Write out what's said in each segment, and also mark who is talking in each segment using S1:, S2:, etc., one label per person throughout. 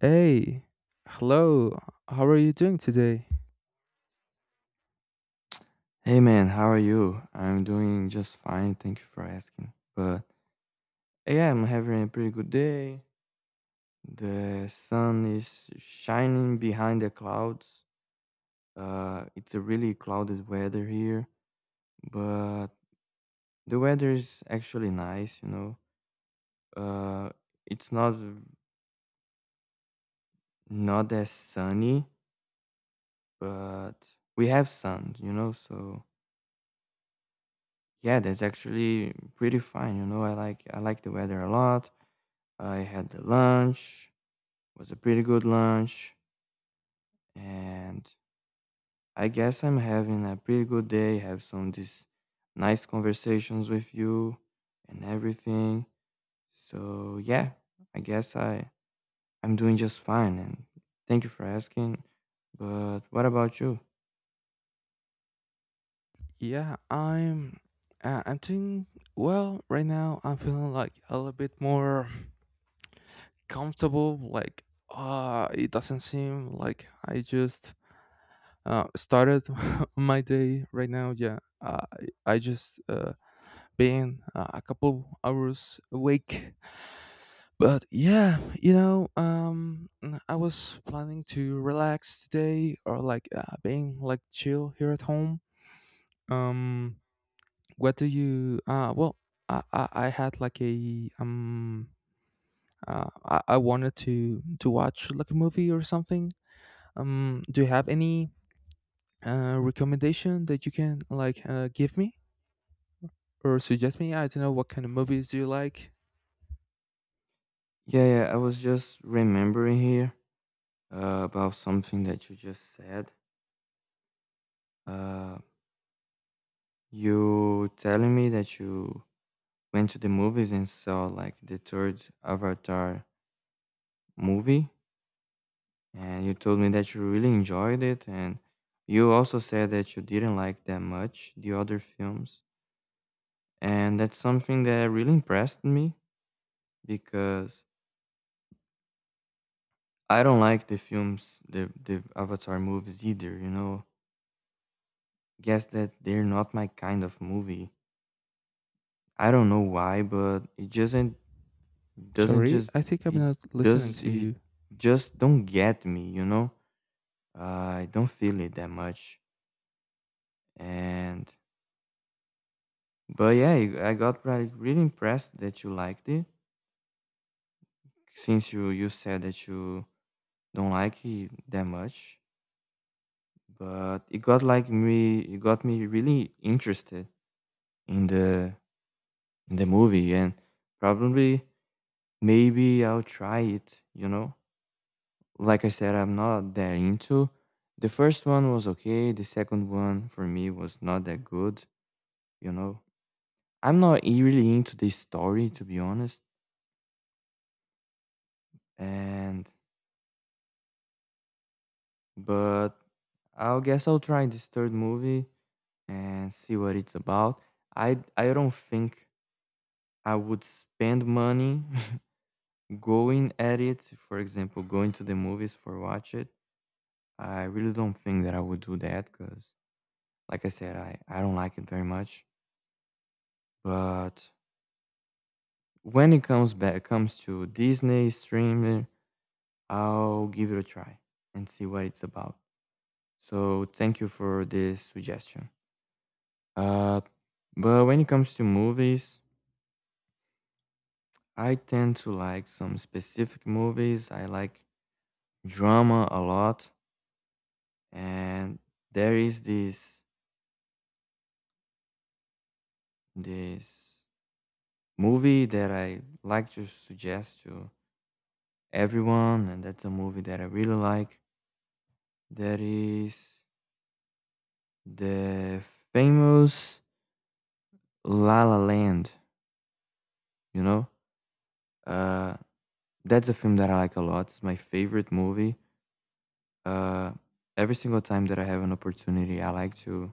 S1: Hey, hello. How are you doing today?
S2: Hey man, how are you? I'm doing just fine, thank you for asking. But yeah, I'm having a pretty good day. The sun is shining behind the clouds. It's a really clouded weather here, but the weather is actually nice, you know. Uh, it's not as sunny, but we have sun, you know. So yeah, that's actually pretty fine, you know. I like the weather a lot. I had the lunch. Was a pretty good lunch and I guess I'm having a pretty good day, have some these nice conversations with you and everything. So yeah, I guess I'm doing just fine, and thank you for asking. But what about you?
S1: Yeah, I'm doing well right now. I'm feeling like a little bit more comfortable. Like, it doesn't seem like I just started my day right now. Yeah, I just been a couple hours awake. But yeah, I was planning to relax today, or like being like chill here at home. Um, what do you? I had like I wanted to watch like a movie or something. Do you have any recommendation that you can like give me or suggest me? I don't know what kind of movies do you like.
S2: Yeah, yeah, I was just remembering here about something that you just said. uh, you telling me that you went to the movies and saw like the third Avatar movie. And you told me that you really enjoyed it, and you also said that you didn't like that much the other films. And that's something that really impressed me because I don't like the films, the Avatar movies either, you know. Guess that they're not my kind of movie. I don't know why, but it doesn't
S1: Sorry,
S2: just
S1: I think I'm
S2: it
S1: not listening
S2: does
S1: to
S2: it
S1: you.
S2: just don't get me, you know? Uh, I don't feel it that much. And But yeah, I got really, really impressed that you liked it, since you said that you don't like it that much. But it got like me, it got me really interested in the in the movie, and probably maybe I'll try it. You know, like I said, I'm not that into. The first one was okay. The second one for me was not that good. You know, I'm not really into this story to be honest, and but I guess I'll try this third movie and see what it's about. I don't think I would spend money going at it. For example, going to the movies for watch it. I really don't think that I would do that because, like I said, I don't like it very much. But when it comes to Disney streaming, I'll give it a try and see what it's about. So thank you for this suggestion. Uh, but when it comes to movies. I tend to like some specific movies. I like drama a lot, and there is this movie that I like to suggest to everyone, and that's a movie that I really like. That is the famous La La Land. You know, uh, that's a film that I like a lot. It's my favorite movie. Uh, every single time that I have an opportunity, I like to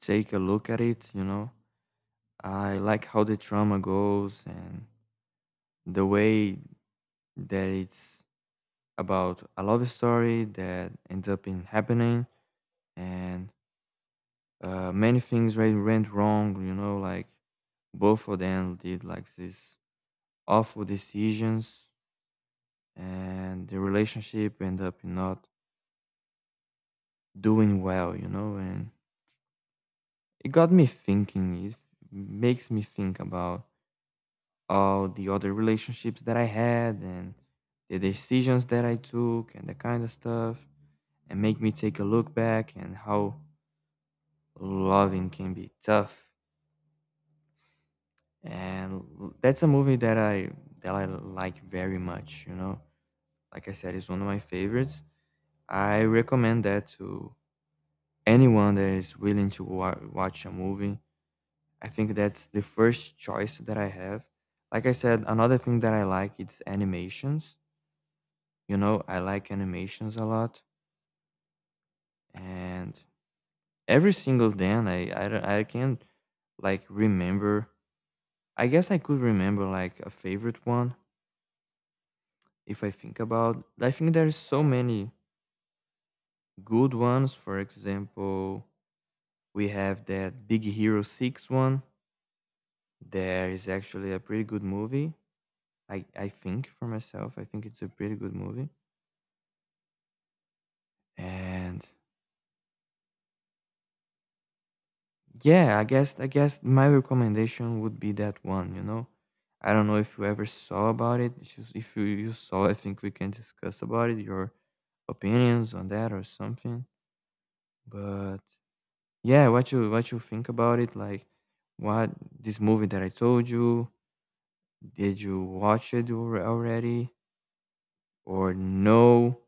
S2: take a look at it. You know, I like how the trauma goes and the way that it's about a love story that ends up in happening, and many things went wrong, you know, like both of them did like these awful decisions and the relationship ended up not doing well, you know, and it got me thinking, it makes me think about all the other relationships that I had and the decisions that I took and that kind of stuff, and make me take a look back and how loving can be tough. And that's a movie that I like very much, you know. Like I said, it's one of my favorites. I recommend that to anyone that is willing to watch a movie. I think that's the first choice that I have. Like I said, another thing that I like it's animations. You know, I like animations a lot, and every single day I, don't- I can like remember. I guess I could remember like a favorite one if I think about. I think there's so many good ones. For example, we have that Big Hero 6 one. There is actually a pretty good movie. I think for myself, I think it's a pretty good movie. And yeah, I guess my recommendation would be that one, you know. I don't know if you ever saw about it. If you saw, I think we can discuss about it, your opinions on that or something. But yeah, what you think about it? Like, what this movie that I told you? Did you watch it already or no?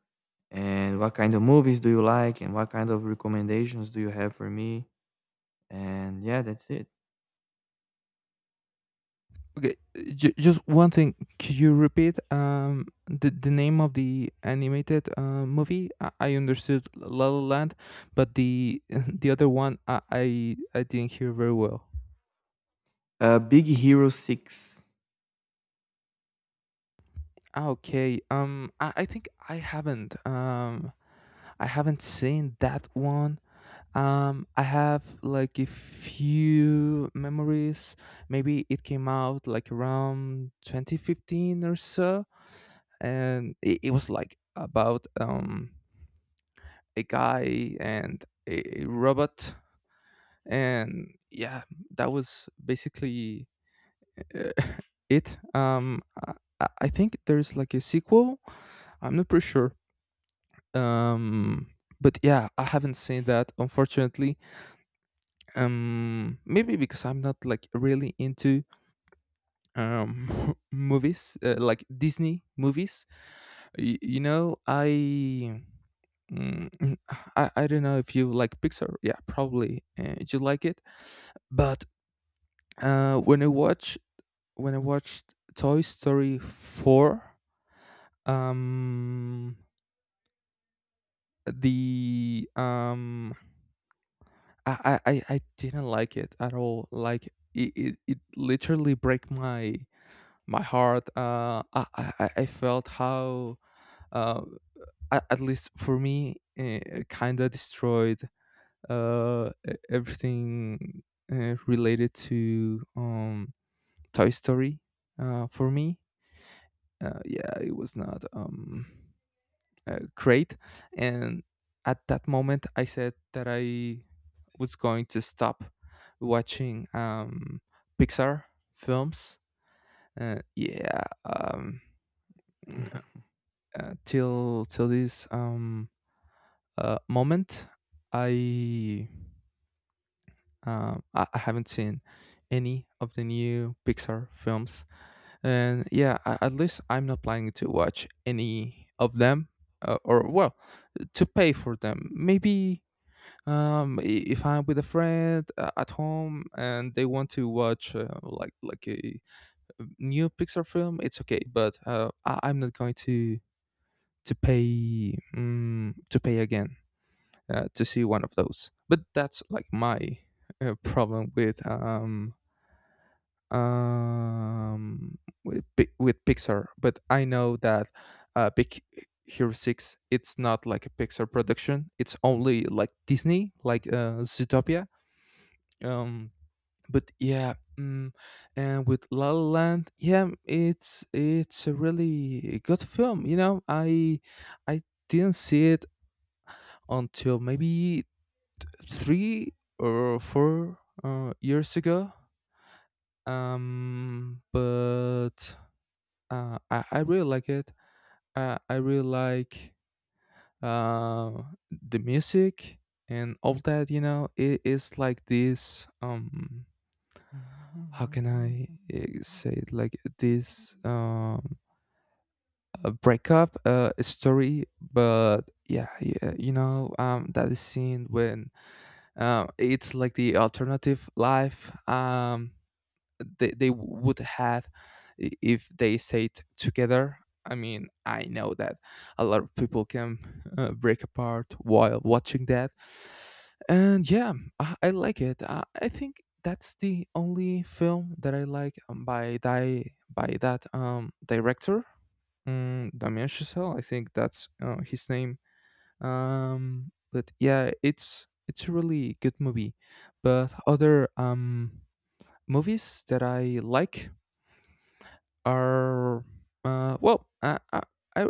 S2: And what kind of movies do you like? And what kind of recommendations do you have for me? And yeah, that's it.
S1: Okay, just one thing. Could you repeat the name of the animated movie? I understood La La Land, but the the other one I didn't hear very well.
S2: Big Hero Six.
S1: Ah, okay, I think I haven't seen that one. I have like a few memories. Maybe it came out like around 2015 or so, and it was like about a guy and a robot. And yeah, that was basically— uh, it I, I think there's like a sequel. I'm not pretty sure. Um but yeah, I haven't seen that, unfortunately. Maybe because I'm not like really into— um movies, like Disney movies. Y- you know i Mm, mm, I don't know if you like Pixar. Yeah, probably you like it. But— when I watch when I watched Toy Story 4, um, the I didn't like it at all. Like it literally break my heart. I felt how— uh, at least for me, kind of destroyed everything related to Toy Story. For me, yeah, it was not great. And at that moment I said that I was going to stop watching Pixar films. uh, yeah um mm, till this moment i I haven't seen any of the new Pixar films. And yeah, at least I'm not planning to watch any of them, or, well, to pay for them. Maybe um, i- if I'm with a friend at home and they want to watch like a new Pixar film, it's okay. But I'm not going to pay again to see one of those. But that's like my problem with um, with Pixar. But I know that Big Hero 6, it's not like a Pixar production. It's only like Disney, like Zootopia. Um, but yeah, and with La La Land, yeah, it's a really good film. You know, I didn't see it until maybe 3 or 4 years ago. But I really like it. I really like uh, the music and all that. You know, it is like this. How can I say it? Like this, breakup story. But yeah, yeah, that is scene when, it's like the alternative life. They would have— if they say together. I mean, I know that a lot of people can break apart while watching that. And yeah, I like it. I think that's the only film that I like by that director, Damien Chazelle. I think that's his name. But yeah, it's a really good movie. But other movies that I like are— well I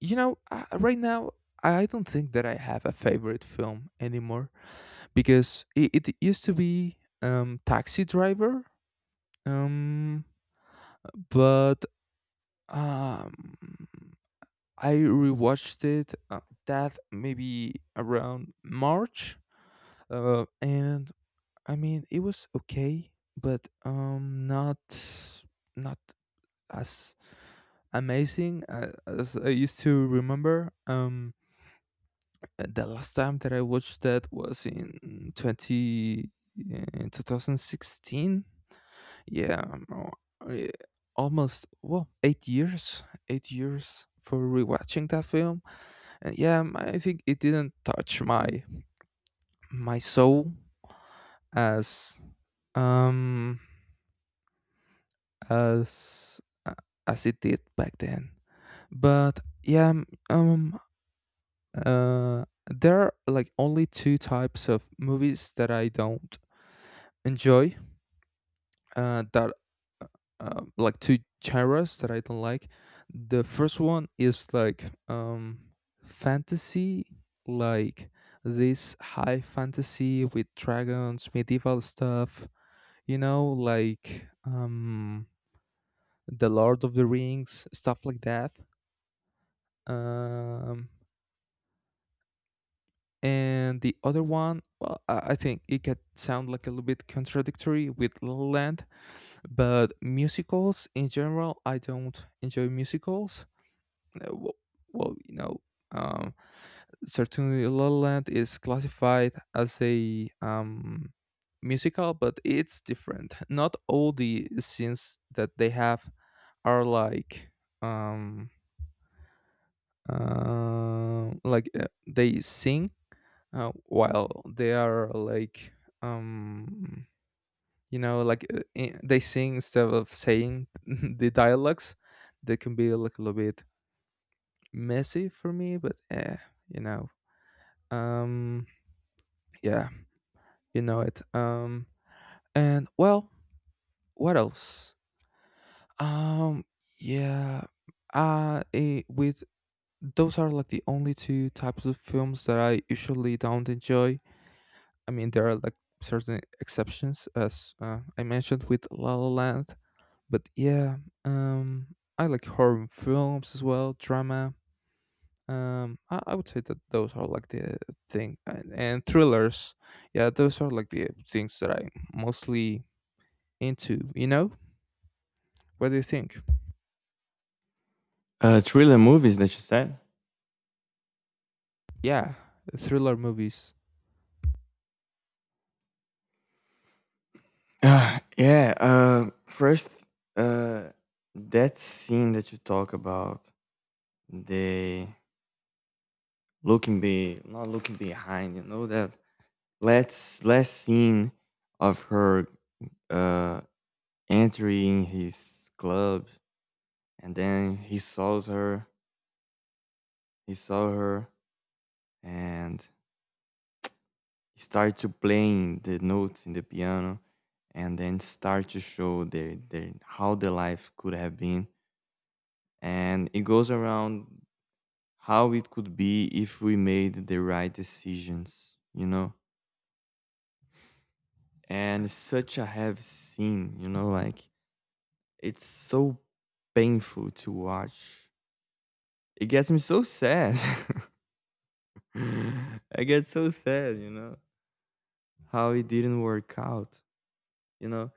S1: you know I, right now I don't think that I have a favorite film anymore, because it used to be Taxi Driver. Um, but um, I rewatched it, that maybe around March, and I mean it was okay but not as amazing as I used to remember. The last time that I watched that was in 2016. Yeah, almost, well, 8 years, 8 years for rewatching that film. And yeah, I think it didn't touch my soul as um as uh, as it did back then. But yeah, there are like only two types of movies that I don't enjoy. That uh, like two genres that I don't like. The first one is like fantasy, like this high fantasy with dragons, medieval stuff. You know, like the Lord of the Rings, stuff like that. Um, and the other one, well, I think it could sound like a little bit contradictory with La La Land, but musicals in general, I don't enjoy musicals. Uh, well, well um certainly La La Land is classified as a musical, but it's different. Not all the scenes that they have are like— um uh, like uh, they sing while they are like— um they sing instead of saying the dialogues. They can be like a little bit messy for me, but you know um yeah. you know it And, well, what else? Um yeah eh, with Those are like the only two types of films that I usually don't enjoy. I mean, there are like certain exceptions, as I mentioned with La La Land. But yeah, I like horror films as well, drama. I would say that those are like the thing, and thrillers. Yeah, those are like the things that I'm mostly into. You know, what do you think?
S2: Thriller movies that you said.
S1: Yeah, thriller movies.
S2: Yeah. First, uh, that scene that you talk about, the looking be not looking behind. You know that last scene of her uh entering his club, and then he saws her. He saw her, and start to playing the notes in the piano, and then start to show the how the life could have been, and it goes around how it could be if we made the right decisions, you know. And such a heavy scene, you know, like it's so painful to watch. It gets me so sad. I get so sad, you know, how it didn't work out. You know,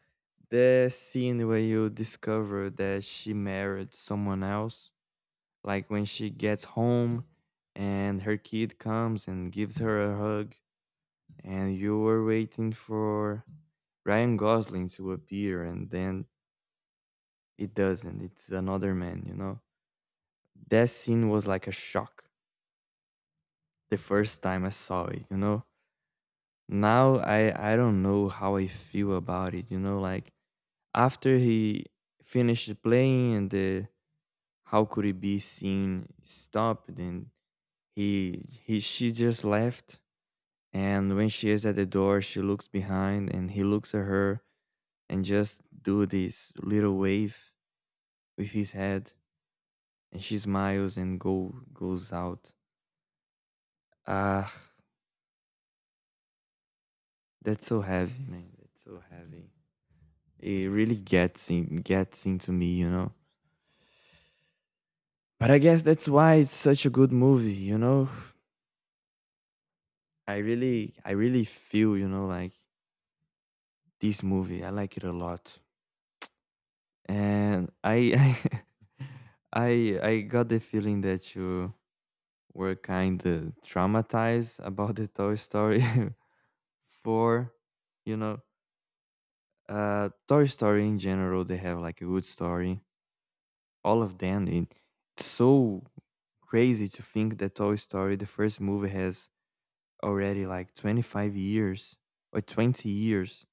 S2: the scene where you discover that she married someone else, like when she gets home and her kid comes and gives her a hug, and you were waiting for Ryan Gosling to appear, and then it doesn't. It's another man, you know? That scene was like a shock the first time I saw it, you know? Now I don't know how I feel about it, you know? Like after he finished playing and the how could it be seen stopped. And he she just left. And when she is at the door, she looks behind and he looks at her and just do this little wave with his head, and she smiles and go goes out. Ah, that's so heavy, man. That's so heavy. It really gets into me, you know. But I guess that's why it's such a good movie, you know. I really feel, you know, like this movie. I like it a lot. And I I got the feeling that you were kind of traumatized about the Toy Story 4, you know. Uh, Toy Story in general, they have like a good story. All of them it's so crazy to think that Toy Story, the first movie has already like 25 years or 20 years.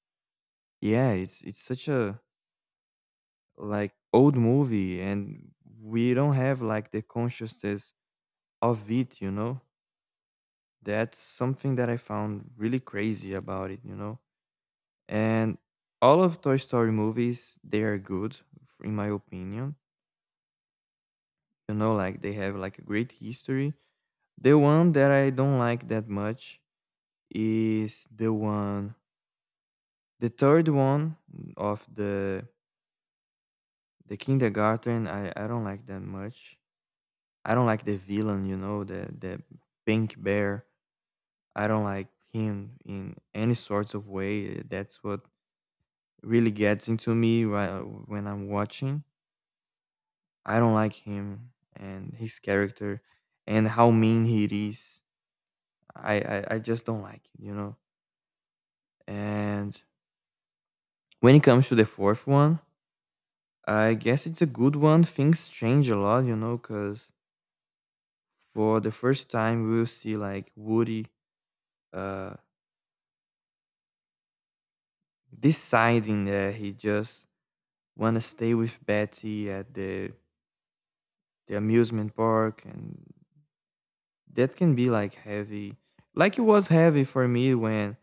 S2: Yeah, it's such a like old movie, and we don't have like the consciousness of it, you know? That's something that I found really crazy about it, you know? And all of Toy Story movies, they are good, in my opinion. You know, like they have like a great history. The one that I don't like that much is the third one of the kindergarten. I don't like that much. I don't like the villain, you know, the pink bear. I don't like him in any sorts of way. That's what really gets into me right when I'm watching. I don't like him and his character and how mean he is. I just don't like it, you know. And when it comes to the fourth one, I guess it's a good one. Things change a lot, you know, because for the first time we'll see like Woody uh, deciding that he just want to stay with Betty at the amusement park, and that can be like heavy. Like it was heavy for me when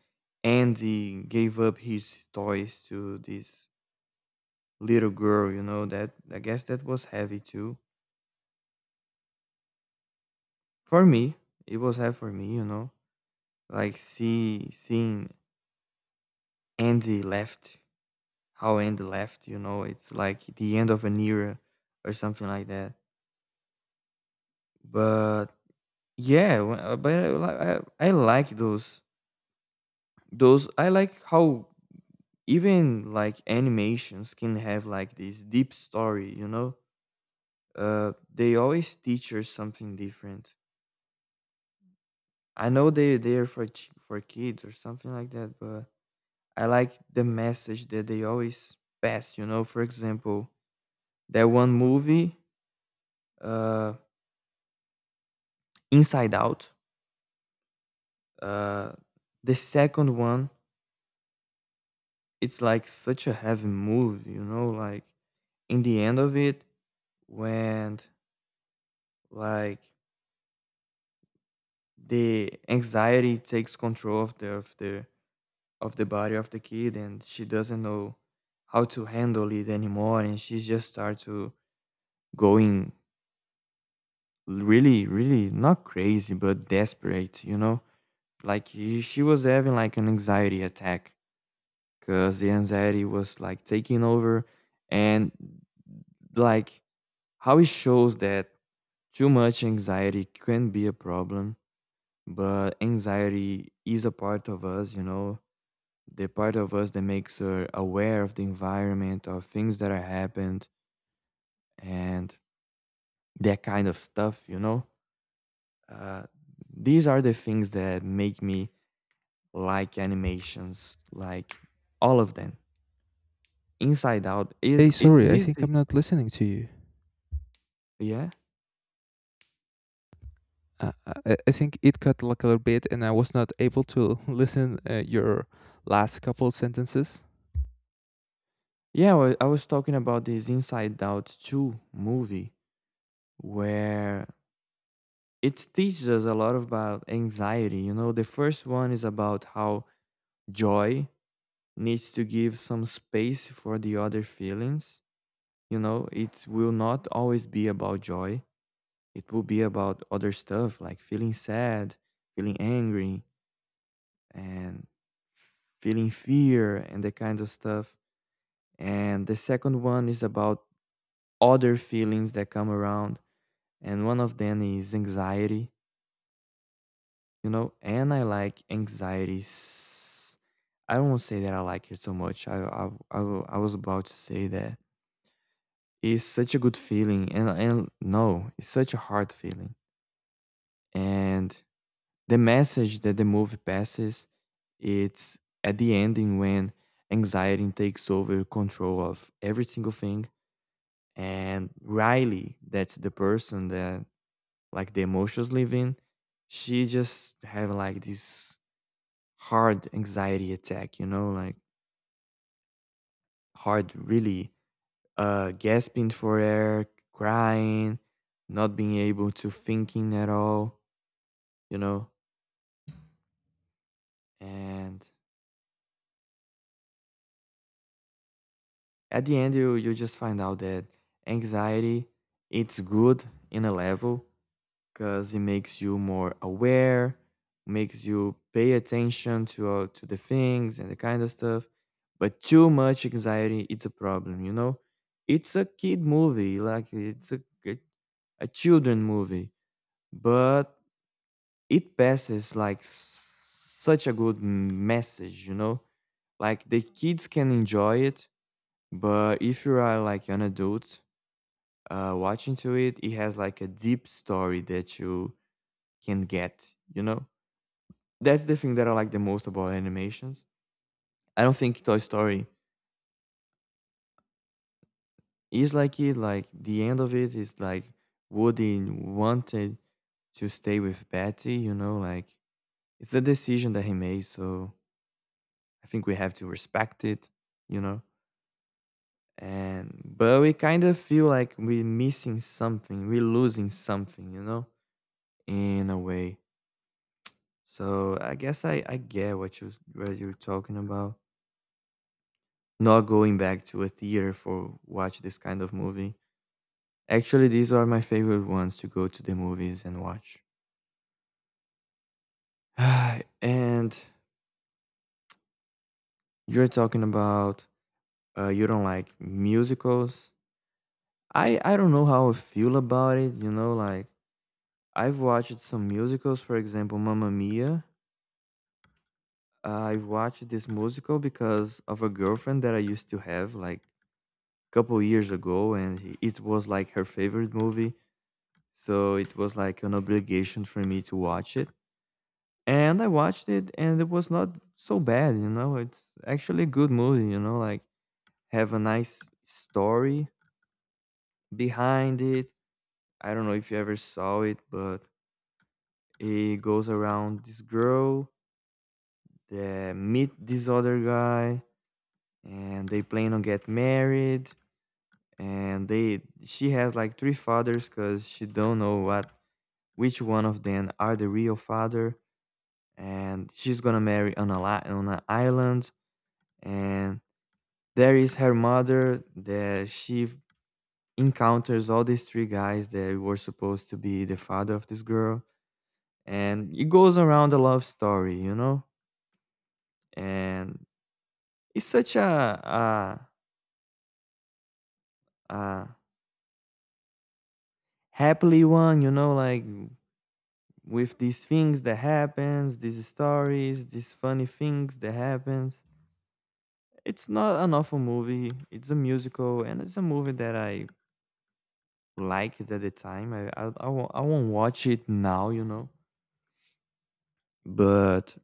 S2: Andy gave up his toys to this little girl, you know, that I guess that was heavy too. For me, it was heavy for me, you know. Like seeing Andy left, how Andy left, you know, it's like the end of an era or something like that. But yeah, but I like those I like how even like animations can have like this deep story. They always teach us something different. I know they're for kids or something like that, but I like the message that they always pass, for example that one movie, uh Inside Out, uh the second one. It's like such a heavy movie, you know, like in the end of it, when, like, the anxiety takes control of the body of the kid and she doesn't know how to handle it anymore, and she just starts to going really, really, not crazy but desperate. Like she was having like an anxiety attack because the anxiety was like taking over, and, like, how it shows that too much anxiety can be a problem. But anxiety is a part of us, you know, the part of us that makes her aware of the environment, of things that are happened, and that kind of stuff, you know? Uh, these are the things that make me like animations, like all of them. Inside Out
S1: Hey,
S2: is
S1: sorry, I think I'm not listening to you.
S2: Yeah,
S1: Uh, I think it cut like a little bit, and I was not able to listen your last couple sentences.
S2: I was talking about this Inside Out two movie where it teaches us a lot about anxiety. You know, the first one is about how joy needs to give some space for the other feelings. You know, it will not always be about joy. It will be about other stuff like feeling sad, feeling angry, and feeling fear and the kind of stuff. And the second one is about other feelings that come around. And one of them is anxiety, you know, and I like anxiety. I don't want to say that I like it so much. I was about to say that it's such a good feeling, and no, it's such a hard feeling. And the message that the movie passes, it's at the ending when anxiety takes over control of every single thing. And Riley, that's the person that, like, the emotions live in, she just have like this hard anxiety attack, you know, like hard, really, gasping for air, crying, not being able to thinking at all, you know. And at the end, you just find out that anxiety, it's good in a level, because it makes you more aware, makes you pay attention to, to the things and the kind of stuff. But too much anxiety, it's a problem, you know. It's a kid movie, like it's a a children movie, but it passes like such a good message, you know? Like the kids can enjoy it, but if you are like an adult watching to it, it has like a deep story that you can get, you know? That's the thing that I like the most about animations. I don't think Toy Story is like it, like the end of it is like Woody wanted to stay with Betty, you know, like it's a decision that he made, so I think we have to respect it, you know. And but we kind of feel like we're missing something, we're losing something, you know, in a way. So I guess I get what you're talking about. Not going back to a theater for watch this kind of movie. Actually, these are my favorite ones to go to the movies and watch. And you're talking about, you don't like musicals. I don't know how I feel about it. You know, like I've watched some musicals, for example, Mamma Mia. I've watched this musical because of a girlfriend that I used to have like a couple years ago, and it was like her favorite movie. So it was like an obligation for me to watch it. And I watched it, and it was not so bad, you know. It's actually a good movie, you know, like have a nice story behind it. I don't know if you ever saw it, but it goes around this girl. They meet this other guy and they plan on get married, and they she has like three fathers because she don't know what which one of them are the real father, and she's gonna marry on on an island, and there is her mother that she encounters all these three guys that were supposed to be the father of this girl, and it goes around the love story, you know. And it's such a happily one, you know, like with these things that happens, these stories, these funny things that happens. It's not an awful movie, it's a musical, and it's a movie that I liked at the time. I won't watch it now, you know. But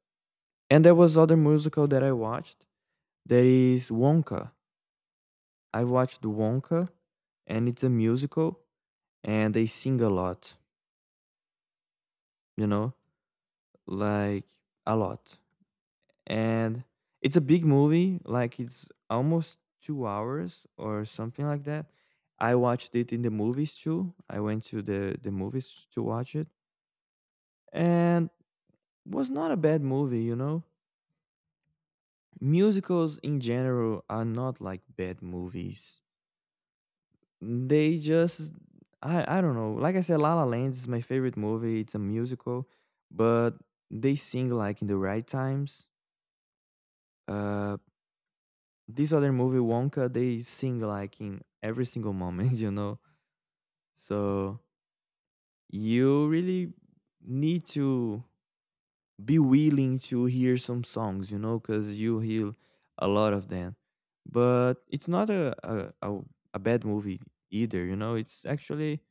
S2: and there was other musical that I watched. There is Wonka. I watched Wonka, and it's a musical, and they sing a lot, you know, like a lot. And it's a big movie, like it's almost 2 hours or something like that. I watched it in the movies too. I went to the movies to watch it, and was not a bad movie, you know. Musicals in general are not like bad movies, they just, I don't know, like I said, La La Land is my favorite movie. It's a musical, but they sing like in the right times. Uh, this other movie Wonka, they sing like in every single moment, you know. So you really need to be willing to hear some songs, you know, because you hear a lot of them. But it's not a bad movie either, you know. It's actually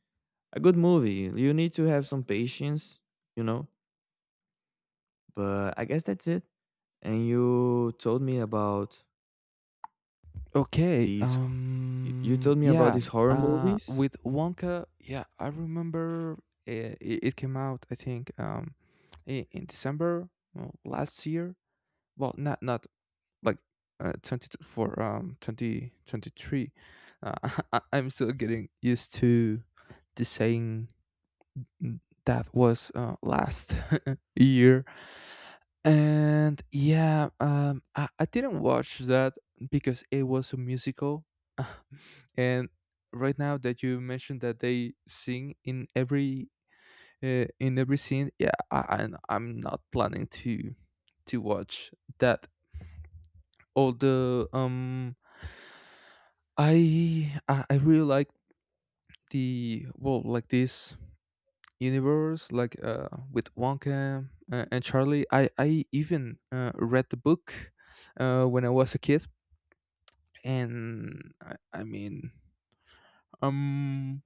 S2: a good movie. You need to have some patience, you know. But I guess that's it. And you told me about
S1: Okay.
S2: these. You told me about
S1: Yeah.
S2: these horror movies.
S1: With Wonka. Yeah. I remember it came out. I think. In December, well, last year. Well, not like 20 for, 2023. Uh, I'm still getting used to the saying that was last year. And yeah. I didn't watch that because it was a musical, and right now that you mentioned that they sing in every— in every scene, yeah, I'm not planning to watch that, although I really like the— well, like this universe, like with Wonka and Charlie. I even read the book when I was a kid. And I mean, um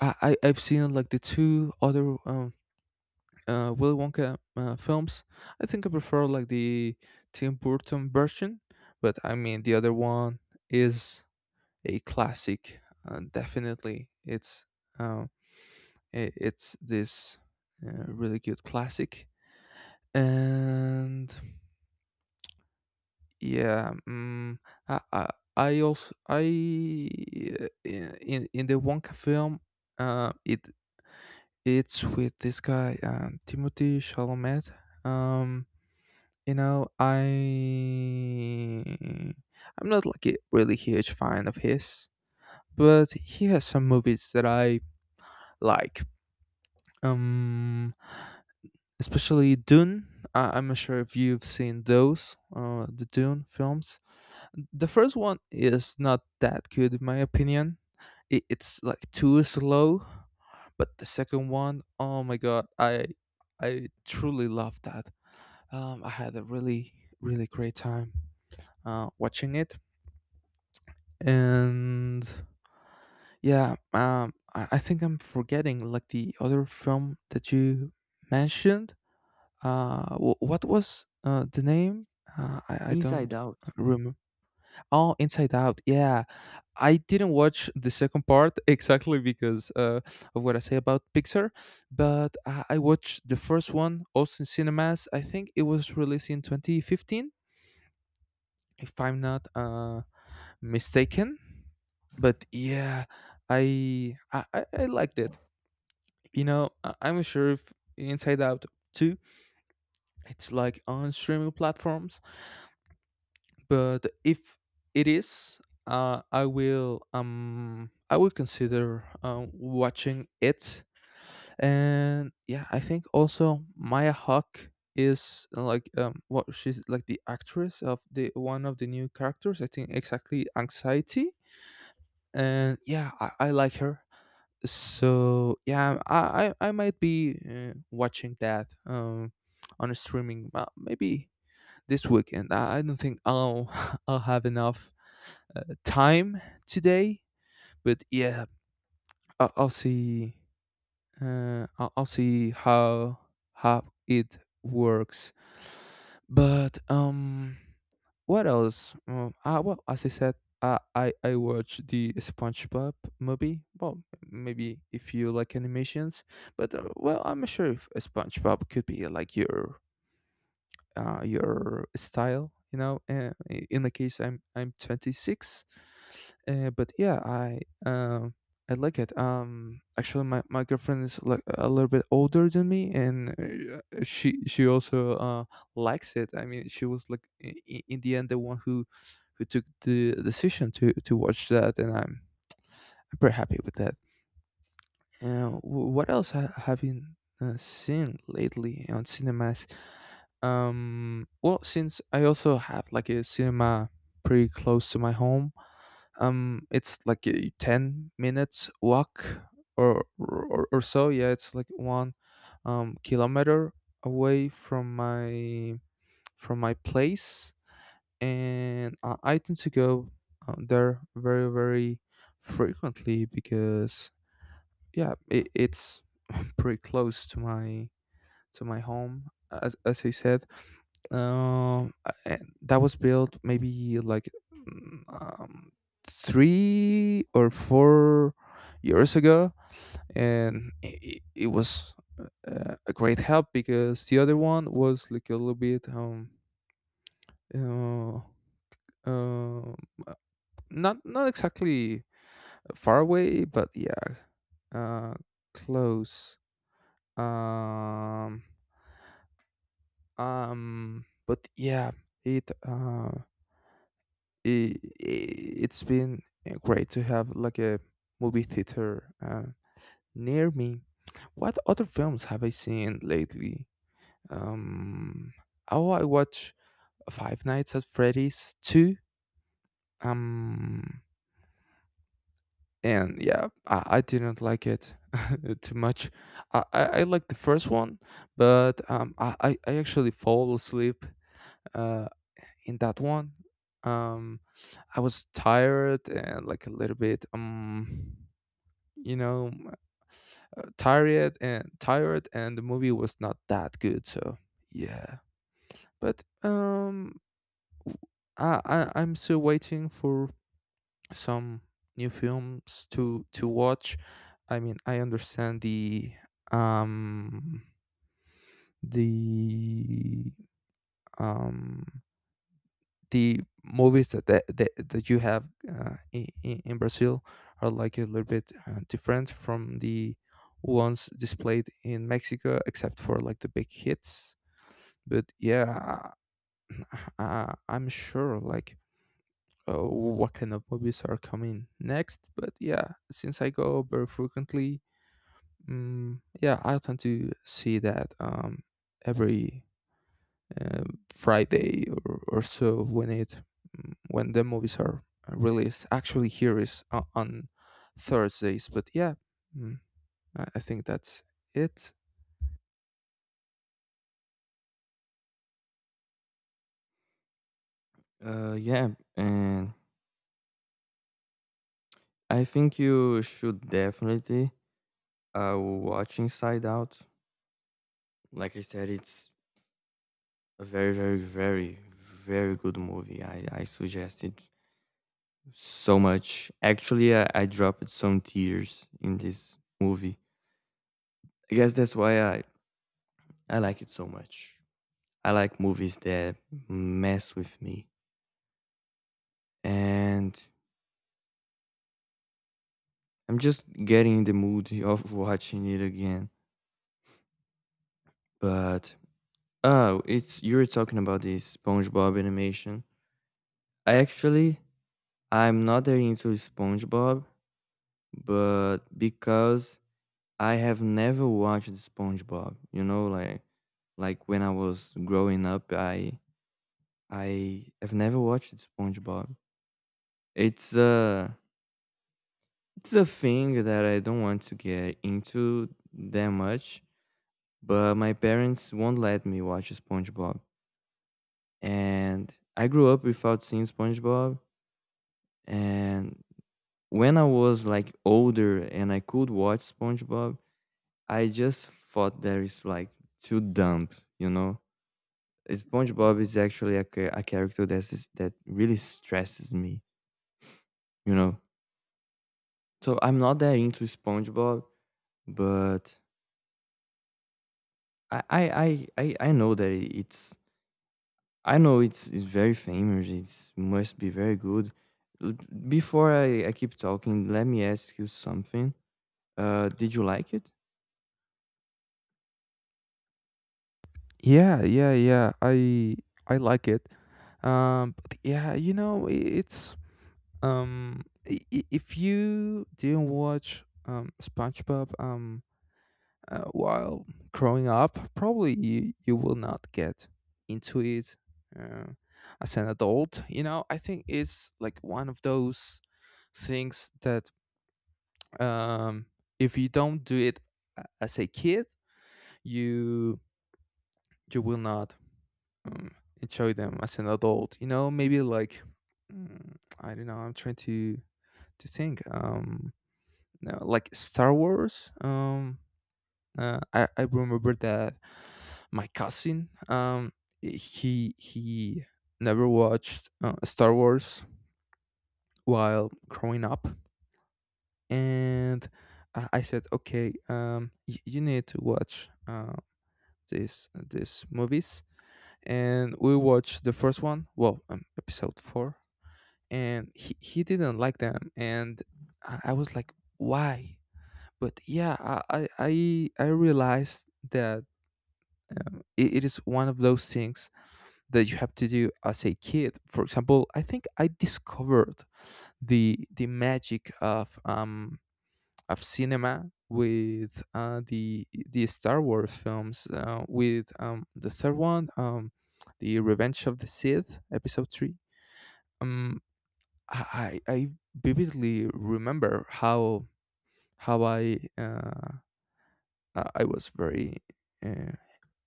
S1: I've seen like the two other Willy Wonka films. I think I prefer like the Tim Burton version, but I mean the other one is a classic. Definitely, um, it's this really good classic. And yeah, I, I I also I in the Wonka film, uh, it it's with this guy, Timothy Chalamet. Um, You know, I'm not like a really huge fan of his, but he has some movies that I like. Um, Especially Dune. I'm not sure if you've seen those, the Dune films. The first one is not that good in my opinion. It's like too slow, but the second one, oh my god, I truly love that. I had a really, really great time watching it. And yeah, I think I'm forgetting like the other film that you mentioned. What was the name? I don't
S2: Inside Out.
S1: remember. Oh, Inside Out. Yeah, I didn't watch the second part exactly because of what I say about Pixar. But I watched the first one also in cinemas. I think it was released in 2015, if I'm not mistaken. But yeah, I liked it. You know, I'm sure if Inside Out 2 it's like on streaming platforms, but if it is, I will consider, watching it. And yeah, I think also Maya Hawk is— like what she's like the actress of the one of the new characters, I think exactly anxiety. And yeah, I like her. So yeah, I might be watching that on a streaming, maybe this weekend. I don't think I'll I'll have enough time today. But yeah, I, i'll see I'll see how it works. But what else? Well, as I said, I watched the SpongeBob movie. Well, maybe if you like animations, but well, I'm sure if SpongeBob could be like your style, in my case I'm 26. But yeah, I um I like it. Actually, my girlfriend is like a little bit older than me, and she also likes it. I mean, she was like, in the end, the one who took the decision to watch that, and I'm pretty happy with that. What else have you seen lately on cinemas? Well, since I also have like a cinema pretty close to my home, it's like a 10 minutes walk or so. Yeah, it's like one kilometer away from my place, and I tend to go there very frequently, because yeah, it's pretty close to my home, as I said. Um, and that was built maybe like 3 or 4 years ago, and it was a great help, because the other one was like a little bit uh, uh, not exactly far away, but yeah, uh, close. Um, but yeah, it uh, it's been great to have like a movie theater near me. What other films have I seen lately? Um, oh, I watch Five Nights at Freddy's 2. Um, and yeah, I didn't like it too much. I liked the first one, but I actually fall asleep Uh, in that one. Um, I was tired and like a little bit, you know, tired and tired, and the movie was not that good. So yeah, but w- I I'm still waiting for some new films to watch. I mean, I understand um the um the movies that you have in Brazil are like a little bit different from the ones displayed in Mexico, except for like the big hits. But yeah, I'm sure like what kind of movies are coming next. But yeah, since I go very frequently, yeah, I tend to see that every uh, Friday or so when it when the movies are released. Actually, here is on Thursdays, but yeah, mm, I think that's it.
S2: Yeah, and I think you should definitely watch Inside Out. Like I said, it's a very, very, very, very good movie. I suggest it so much. Actually, I dropped some tears in this movie. I guess that's why I like it so much. I like movies that mess with me, and I'm just getting in the mood of watching it again. But oh, it's you're talking about the SpongeBob animation. I actually, I'm not that into SpongeBob, but because I have never watched SpongeBob, you know, like when I was growing up, I have never watched SpongeBob. It's a thing that I don't want to get into that much, but my parents won't let me watch SpongeBob. And I grew up without seeing SpongeBob, and when I was like older and I could watch SpongeBob, I just thought that it's like too dumb, you know. SpongeBob is actually a character that is that really stresses me, you know. So I'm not that into SpongeBob, but I know that it's I know it's very famous. It's must be very good. L- Before I keep talking, let me ask you something. Did you like it?
S1: Yeah, yeah, yeah. I like it. But yeah, you know, it's um, if you didn't watch SpongeBob, while growing up, probably you will not get into it uh, as an adult. You know, I think it's like one of those things that um, if you don't do it as a kid, you you will not um, enjoy them as an adult. You know, maybe like I don't know. I'm trying to think. No, like Star Wars. I remember that my cousin, he never watched Star Wars while growing up, and I said, okay, you need to watch this these movies, and we watched the first one, well, episode four, and he didn't like them, and I was like, why? But yeah, I realized that it is one of those things that you have to do as a kid. For example, I think I discovered the magic of cinema with the Star Wars films, with the third one, the Revenge of the Sith, episode 3. um i i I vividly remember how how i uh, I was very. Uh,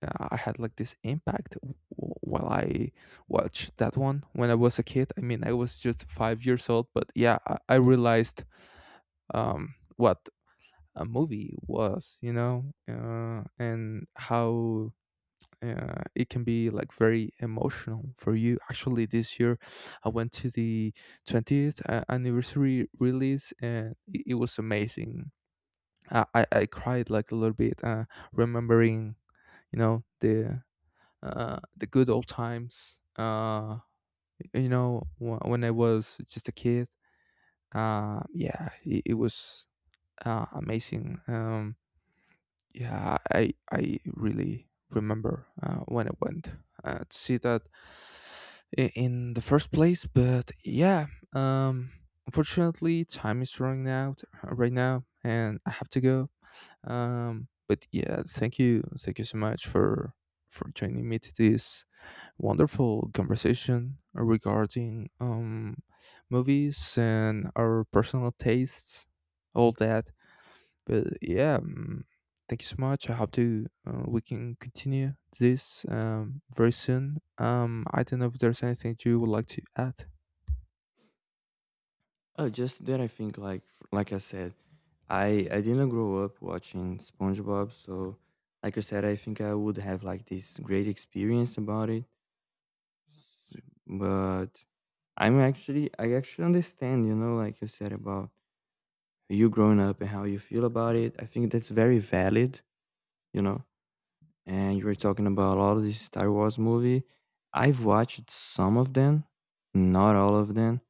S1: I had like this impact while I watched that one when I was a kid. I mean, I was just 5 years old, but yeah, I realized what a movie was, you know, and how it can be like very emotional for you. Actually, this year I went to the 20th anniversary release, and it was amazing. I cried like a little bit, remembering, you know, the good old times. You know when I was just a kid. Yeah, it was amazing. Yeah, I really remember when I went to see that in the first place. But yeah, um, unfortunately, time is running out right now, and I have to go. But yeah, thank you so much for joining me to this wonderful conversation regarding movies and our personal tastes, all that. But yeah, thank you so much. I hope to we can continue this very soon. I don't know if there's anything you would like to add.
S2: Just that I think like I said I didn't grow up watching SpongeBob, so like I said, I think I would have like this great experience about it. But I actually understand, you know, like you said about you growing up and how you feel about it. I think that's very valid, you know. And you were talking about all of these Star Wars movie. I've watched some of them, not all of them.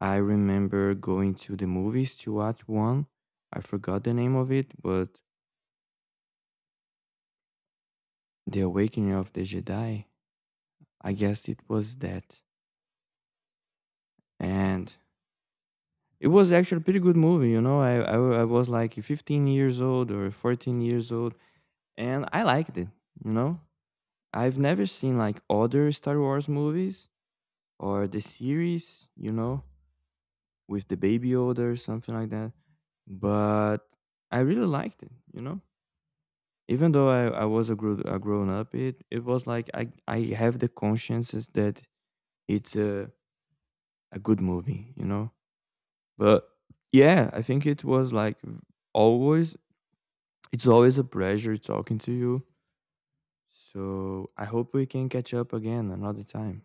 S2: I remember going to the movies to watch one. I forgot the name of it, but The Awakening of the Jedi. I guess it was that. And it was actually a pretty good movie, you know. I was like 15 years old or 14 years old, and I liked it, you know. I've never seen like other Star Wars movies or the series, you know, with the Baby Yoda or something like that. But I really liked it, you know. Even though I was a, grow, a grown up, it was like I have the consciences that it's a good movie, you know? But yeah, I think it was like always, it's always a pleasure talking to you. So I hope we can catch up again another time.